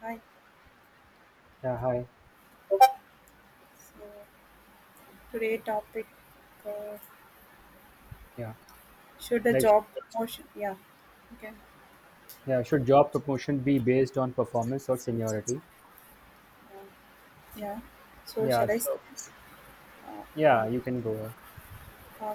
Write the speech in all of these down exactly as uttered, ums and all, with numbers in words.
Hi. Yeah, hi. So today topic uh, Yeah. should a Like, job promotion? Yeah. Okay. yeah, should job promotion be based on performance or seniority? Yeah. So Yeah, shall I? s- so Uh, yeah, yeah. you can go ahead. Uh,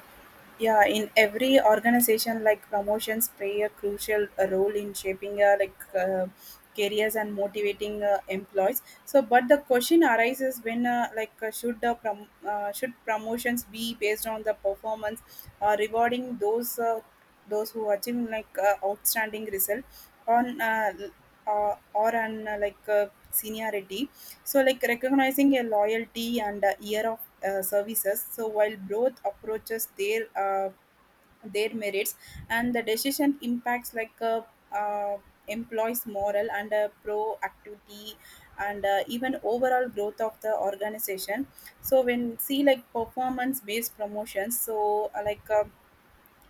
yeah, in every organization, like promotions play a crucial uh, role in shaping uh, like uh, careers and motivating uh, employees. So, but the question arises when uh, like uh, should the prom- uh, should promotions be based on the performance, uh, rewarding those uh, those who achieve like uh, outstanding result on uh, l- uh, or on uh, like uh, seniority. So, like recognizing a loyalty and a year of uh, services. So, while both approaches their uh, their merits, and the decision impacts like uh, uh, employees' moral and uh, proactivity and uh, even overall growth of the organization. So, when see like performance based promotions, so uh, like uh,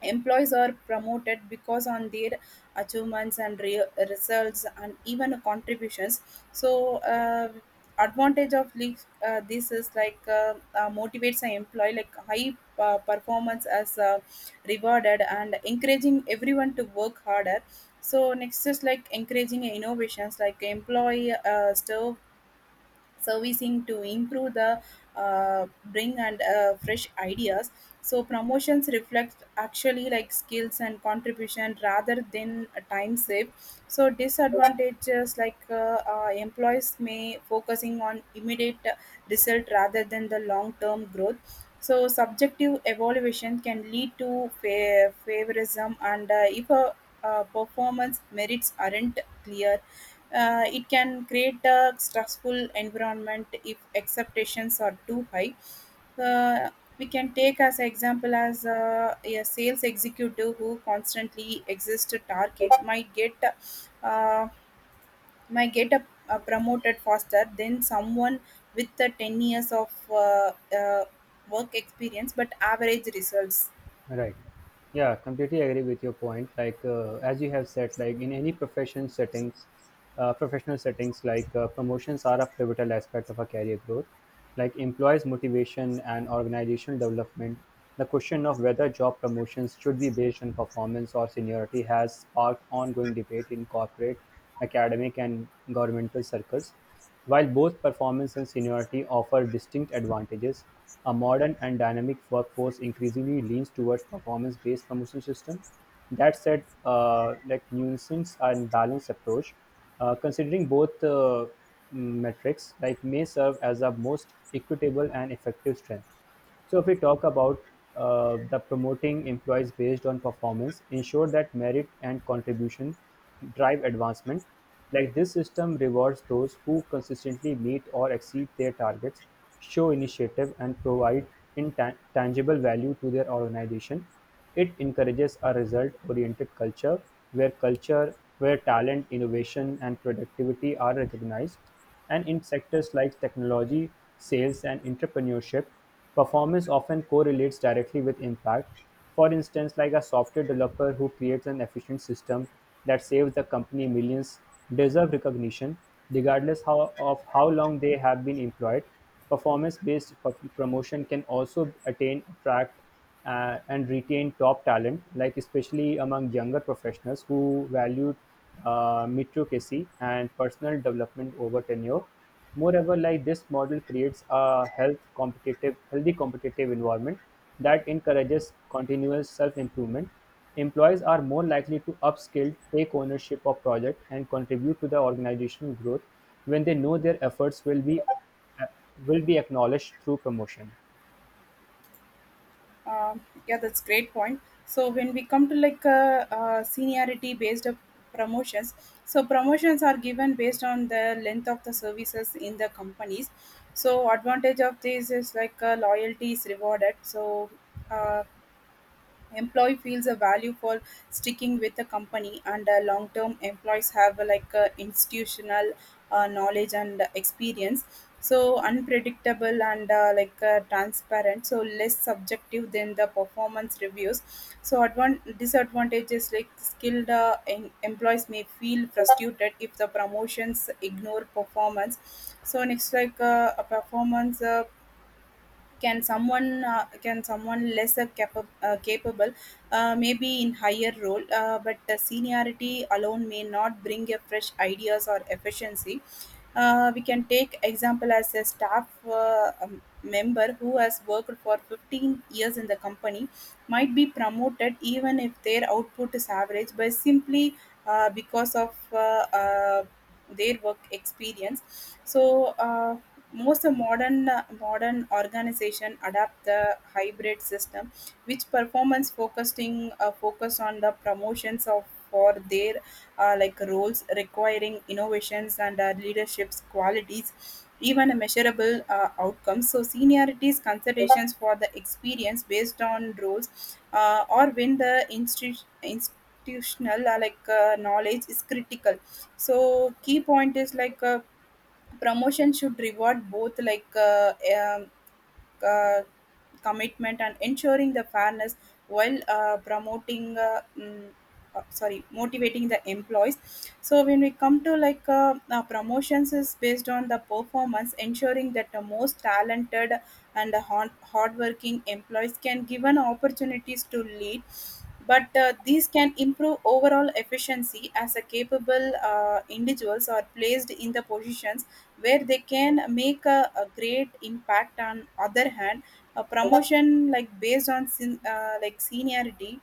employees are promoted because on their achievements and re- results and even contributions. So, uh, Advantage of leave, uh, this is like uh, uh, motivates an employee like high uh, performance as uh, rewarded and encouraging everyone to work harder. So next is like encouraging innovations, like employee uh, serve servicing to improve the uh, bring and uh, fresh ideas. So promotions reflect actually like skills and contribution rather than a time save. So disadvantages like uh, uh, employees may focusing on immediate result rather than the long term growth. So subjective evaluation can lead to fa- favorism, and uh, if a uh, performance merits aren't clear, uh, it can create a stressful environment if expectations are too high. Uh, we can take as an example as a, a sales executive who constantly exists to target might get uh, might get a, a promoted faster than someone with the ten years of uh, uh, work experience but average results. Right. Yeah, completely agree with your point. Like uh, as you have said, like in any profession settings, uh, professional settings, like uh, promotions are a pivotal aspect of a career growth. Like employees' motivation and organizational development, the question of whether job promotions should be based on performance or seniority has sparked ongoing debate in corporate, academic, and governmental circles. While both performance and seniority offer distinct advantages, a modern and dynamic workforce increasingly leans towards performance-based promotion system. That said, uh, like nuisance and balanced approach, uh, considering both uh, metrics, like may serve as a most equitable and effective strength. So if we talk about uh, the promoting employees based on performance, ensure that merit and contribution drive advancement. Like this system rewards those who consistently meet or exceed their targets, show initiative, and provide intangible value to their organization. It encourages a result-oriented culture where culture, where talent, innovation, and productivity are recognized, and in sectors like technology, sales, and entrepreneurship, performance often correlates directly with impact. For instance, like a software developer who creates an efficient system that saves the company millions deserve recognition regardless how, of how long they have been employed. Performance based promotion can also attain, attract, uh, and retain top talent, like especially among younger professionals who valued uh, meritocracy and personal development over tenure. Moreover, like this model creates a health competitive, healthy competitive environment that encourages continuous self-improvement. Employees are more likely to upskill, take ownership of project, and contribute to the organizational growth when they know their efforts will be uh, will be acknowledged through promotion. Um, yeah, that's great point. So when we come to like uh, uh, seniority based of promotions, so promotions are given based on the length of the services in the companies. So advantage of this is like uh, loyalty is rewarded. So uh, employee feels a value for sticking with the company, and uh, long term employees have uh, like uh, institutional uh, knowledge and experience. So unpredictable and uh, like uh, transparent, so less subjective than the performance reviews. So advan- disadvantages, like skilled uh, em- employees may feel frustrated if the promotions ignore performance. So next like uh, a performance uh, can someone uh, can someone lesser capa- uh, capable uh, maybe in higher role, uh, but the seniority alone may not bring a fresh ideas or efficiency. Uh, we can take example as a staff uh, um, member who has worked for fifteen years in the company might be promoted even if their output is average, but simply uh, because of uh, uh, their work experience. So uh, most of modern uh, modern organization adapt the hybrid system, which performance focusing uh, focus on the promotions of for their uh, like roles requiring innovations and uh, leadership's qualities, even a measurable uh, outcome. So seniorities considerations for the experience based on roles, uh, or when the institu- institutional uh, like uh, knowledge is critical. So key point is like uh, promotion should reward both like uh, um, uh, commitment and ensuring the fairness while uh, promoting uh, mm, uh, sorry motivating the employees. So when we come to like uh, uh, promotions is based on the performance, ensuring that the most talented and hard hardworking employees can given opportunities to lead. But uh, these can improve overall efficiency as a capable uh, individuals are placed in the positions where they can make a, a great impact. On other hand, a promotion like based on sen- uh, like seniority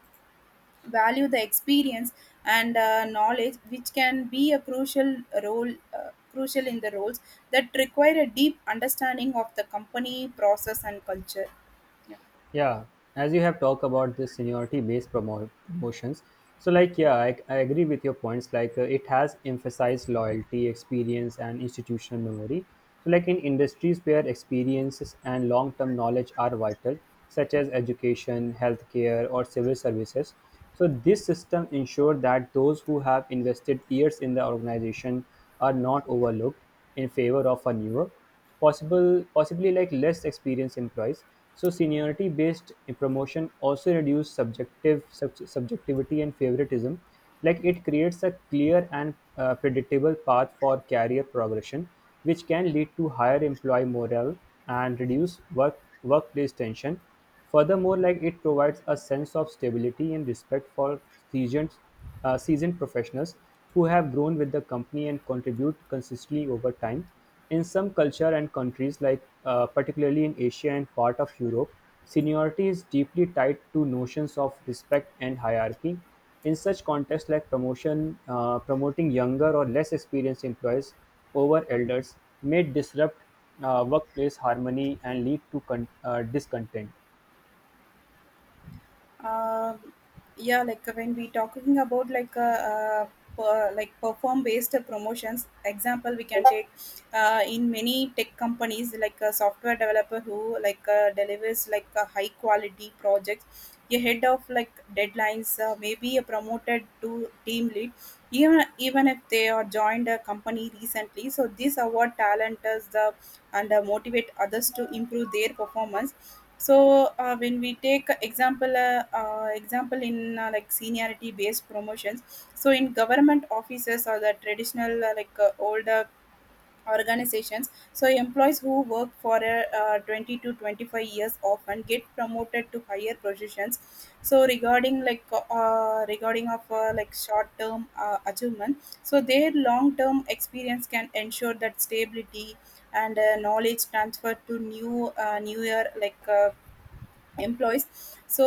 value the experience and uh, knowledge, which can be a crucial role uh, crucial in the roles that require a deep understanding of the company process and culture. Yeah. Yeah, as you have talked about this seniority-based promo- promotions, so like yeah, I, I agree with your points. Like uh, it has emphasized loyalty, experience, and institutional memory. So like in industries where experiences and long-term knowledge are vital, such as education, healthcare, or civil services. So this system ensures that those who have invested years in the organization are not overlooked in favor of a newer possible possibly like less experienced employees. So seniority based promotion also reduce subjective sub- subjectivity and favoritism. Like it creates a clear and uh, predictable path for career progression, which can lead to higher employee morale and reduce work workplace tension. Furthermore, like it provides a sense of stability and respect for seasoned, uh, seasoned professionals who have grown with the company and contribute consistently over time. In some cultures and countries, like uh, particularly in Asia and part of Europe, seniority is deeply tied to notions of respect and hierarchy. In such contexts, like promotion, uh, promoting younger or less experienced employees over elders may disrupt uh, workplace harmony and lead to con- uh, discontent. Um yeah, like uh, when we talking about like uh, uh, per, like perform based promotions, example we can take uh, in many tech companies, like a software developer who like uh, delivers like a high quality projects ahead of like deadlines uh, may be promoted to team lead, even even if they are joined a company recently. So this award talent is the and uh, motivate others to improve their performance. So uh, when we take example uh, uh, example in uh, like seniority based promotions, so in government offices or the traditional uh, like uh, older organizations, so employees who work for uh, uh, twenty to twenty-five years often get promoted to higher positions. So regarding like uh, uh, regarding of uh, like short term uh, achievement, so their long term experience can ensure that stability and uh, knowledge transfer to new uh, newer like uh, employees. so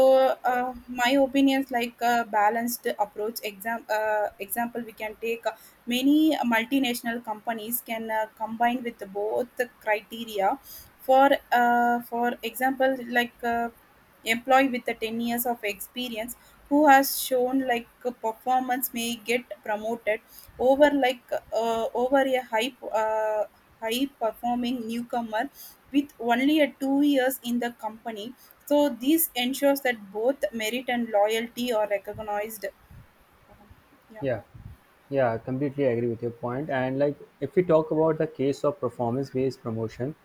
uh, my opinions like a balanced approach, exam uh, example we can take uh, many multinational companies can uh, combine with both the criteria. For uh, for example like uh, employee with the ten years of experience who has shown like a performance may get promoted over like uh, over a high uh, high performing newcomer with only a two years in the company. So this ensures that both merit and loyalty are recognized. Yeah, Yeah, yeah, I completely agree with your point. And like, if we talk about the case of performance-based promotion,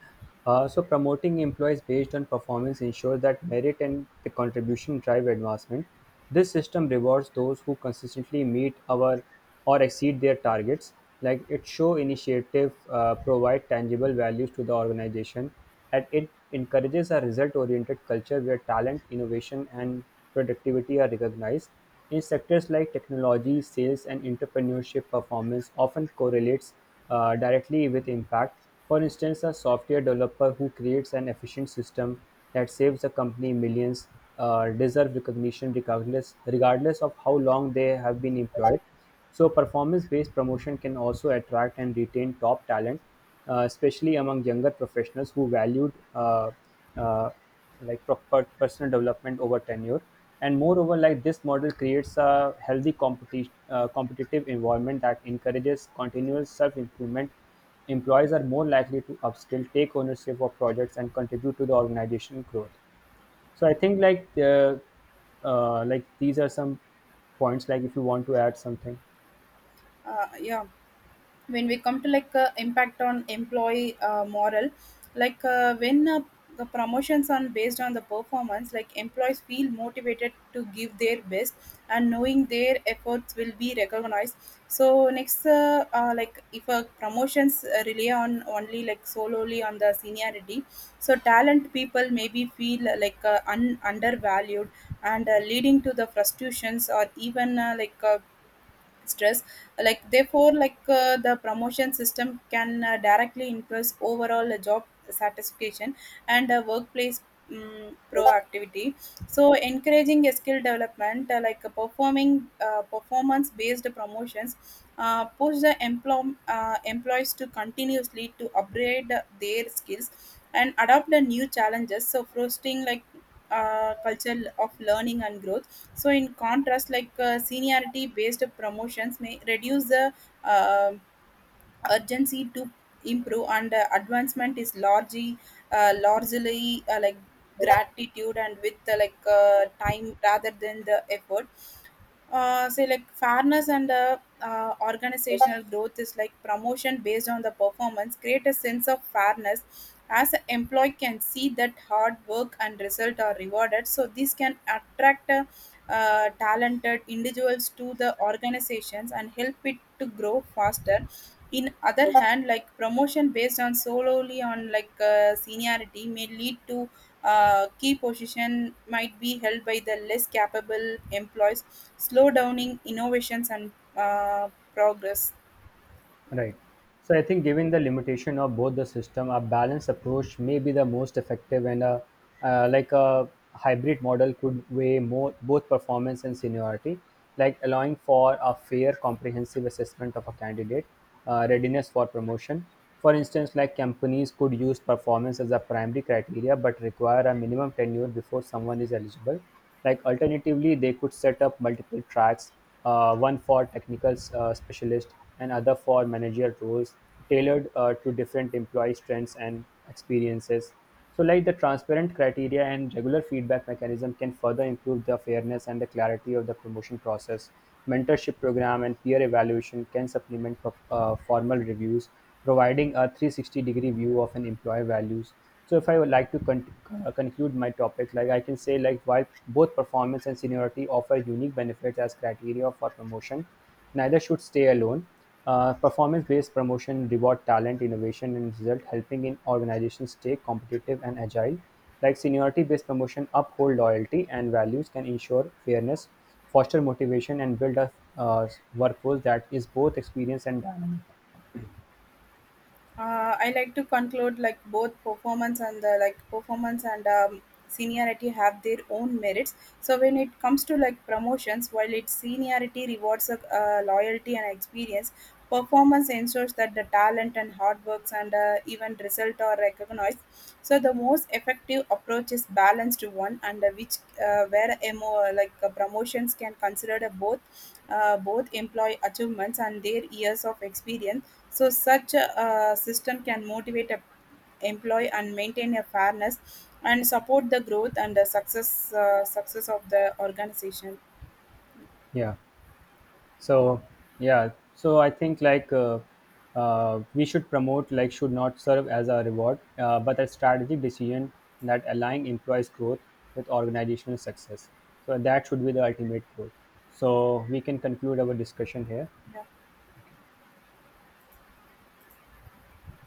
uh, so promoting employees based on performance ensures that merit and the contribution drive advancement. This system rewards those who consistently meet our or exceed their targets. Like it show initiative uh, provide tangible values to the organization, and it encourages a result-oriented culture where talent, innovation, and productivity are recognized in sectors like technology, sales and entrepreneurship performance often correlates uh, directly with impact. For instance, a software developer who creates an efficient system that saves a company millions uh, deserve recognition, regardless, regardless of how long they have been employed. So, performance based promotion can also attract and retain top talent, uh, especially among younger professionals who valued uh, uh, like pro- per- personal development over tenure. And moreover, like this model creates a healthy competition, uh, competitive environment that encourages continuous self-improvement. Employees are more likely to upskill, take ownership of projects, and contribute to the organization growth. So I think like uh, uh, like these are some points. Like if you want to add something. uh, yeah. When we come to like uh, impact on employee uh, moral, like uh, when uh, the promotions are based on the performance, like employees feel motivated to give their best and knowing their efforts will be recognized. So next, uh, uh, like if uh, promotions uh, rely on only like solely on the seniority, so talent people maybe feel uh, like uh, un- undervalued and uh, leading to the frustrations or even uh, like uh, stress. like therefore like uh, the promotion system can uh, directly influence overall uh, job satisfaction and uh, workplace um, proactivity. So encouraging a skill development, uh, like uh, performing uh, performance based promotions uh, push the employ- uh, employees to continuously to upgrade their skills and adopt the new challenges, so fostering like uh, culture of learning and growth. So in contrast, like uh, seniority based promotions may reduce the uh, urgency to improve, and uh, advancement is largely uh, largely uh, like gratitude and with uh, like uh, time rather than the effort. Uh, say like fairness and uh, uh, organizational growth is like promotion based on the performance create a sense of fairness, as an employee can see that hard work and result are rewarded. So this can attract uh, uh, talented individuals to the organizations and help it to grow faster. In other hand, like promotion based on solely on like uh, seniority may lead to uh, key position might be held by the less capable employees, slow downing innovations and uh, progress. Right. So I think given the limitation of both the system, a balanced approach may be the most effective, and a uh, like a hybrid model could weigh more both performance and seniority, like allowing for a fair, comprehensive assessment of a candidate, uh, readiness for promotion. For instance, like companies could use performance as a primary criteria but require a minimum tenure before someone is eligible. Like alternatively, they could set up multiple tracks, uh, one for technical uh, specialist and other for managerial roles, tailored uh, to different employee strengths and experiences. So like the transparent criteria and regular feedback mechanism can further improve the fairness and the clarity of the promotion process. Mentorship program and peer evaluation can supplement uh, formal reviews, providing a three sixty degree view of an employee values. So if I would like to con- uh, conclude my topic, like I can say like while both performance and seniority offer unique benefits as criteria for promotion, neither should stay alone. Uh, Performance-based promotion reward talent, innovation, and result, helping in organizations stay competitive and agile. Like seniority-based promotion uphold loyalty and values, can ensure fairness, foster motivation, and build a uh, workforce that is both experienced and dynamic. uh, I like to conclude like both performance and the like performance and um, seniority have their own merits. So when it comes to like promotions, while its seniority rewards of uh, loyalty and experience, performance ensures that the talent and hard works and uh, even result are recognized. So the most effective approach is balanced one, and uh, which uh, where mo like uh, promotions can consider the both uh, both employee achievements and their years of experience. So, such a, a system can motivate a employee and maintain a fairness and support the growth and the success uh, success of the organization. Yeah. So Uh, yeah, so I think like uh, uh, we should promote like should not serve as a reward, uh, but a strategic decision that align employees growth with organizational success, so that should be the ultimate goal. So we can conclude our discussion here. yeah.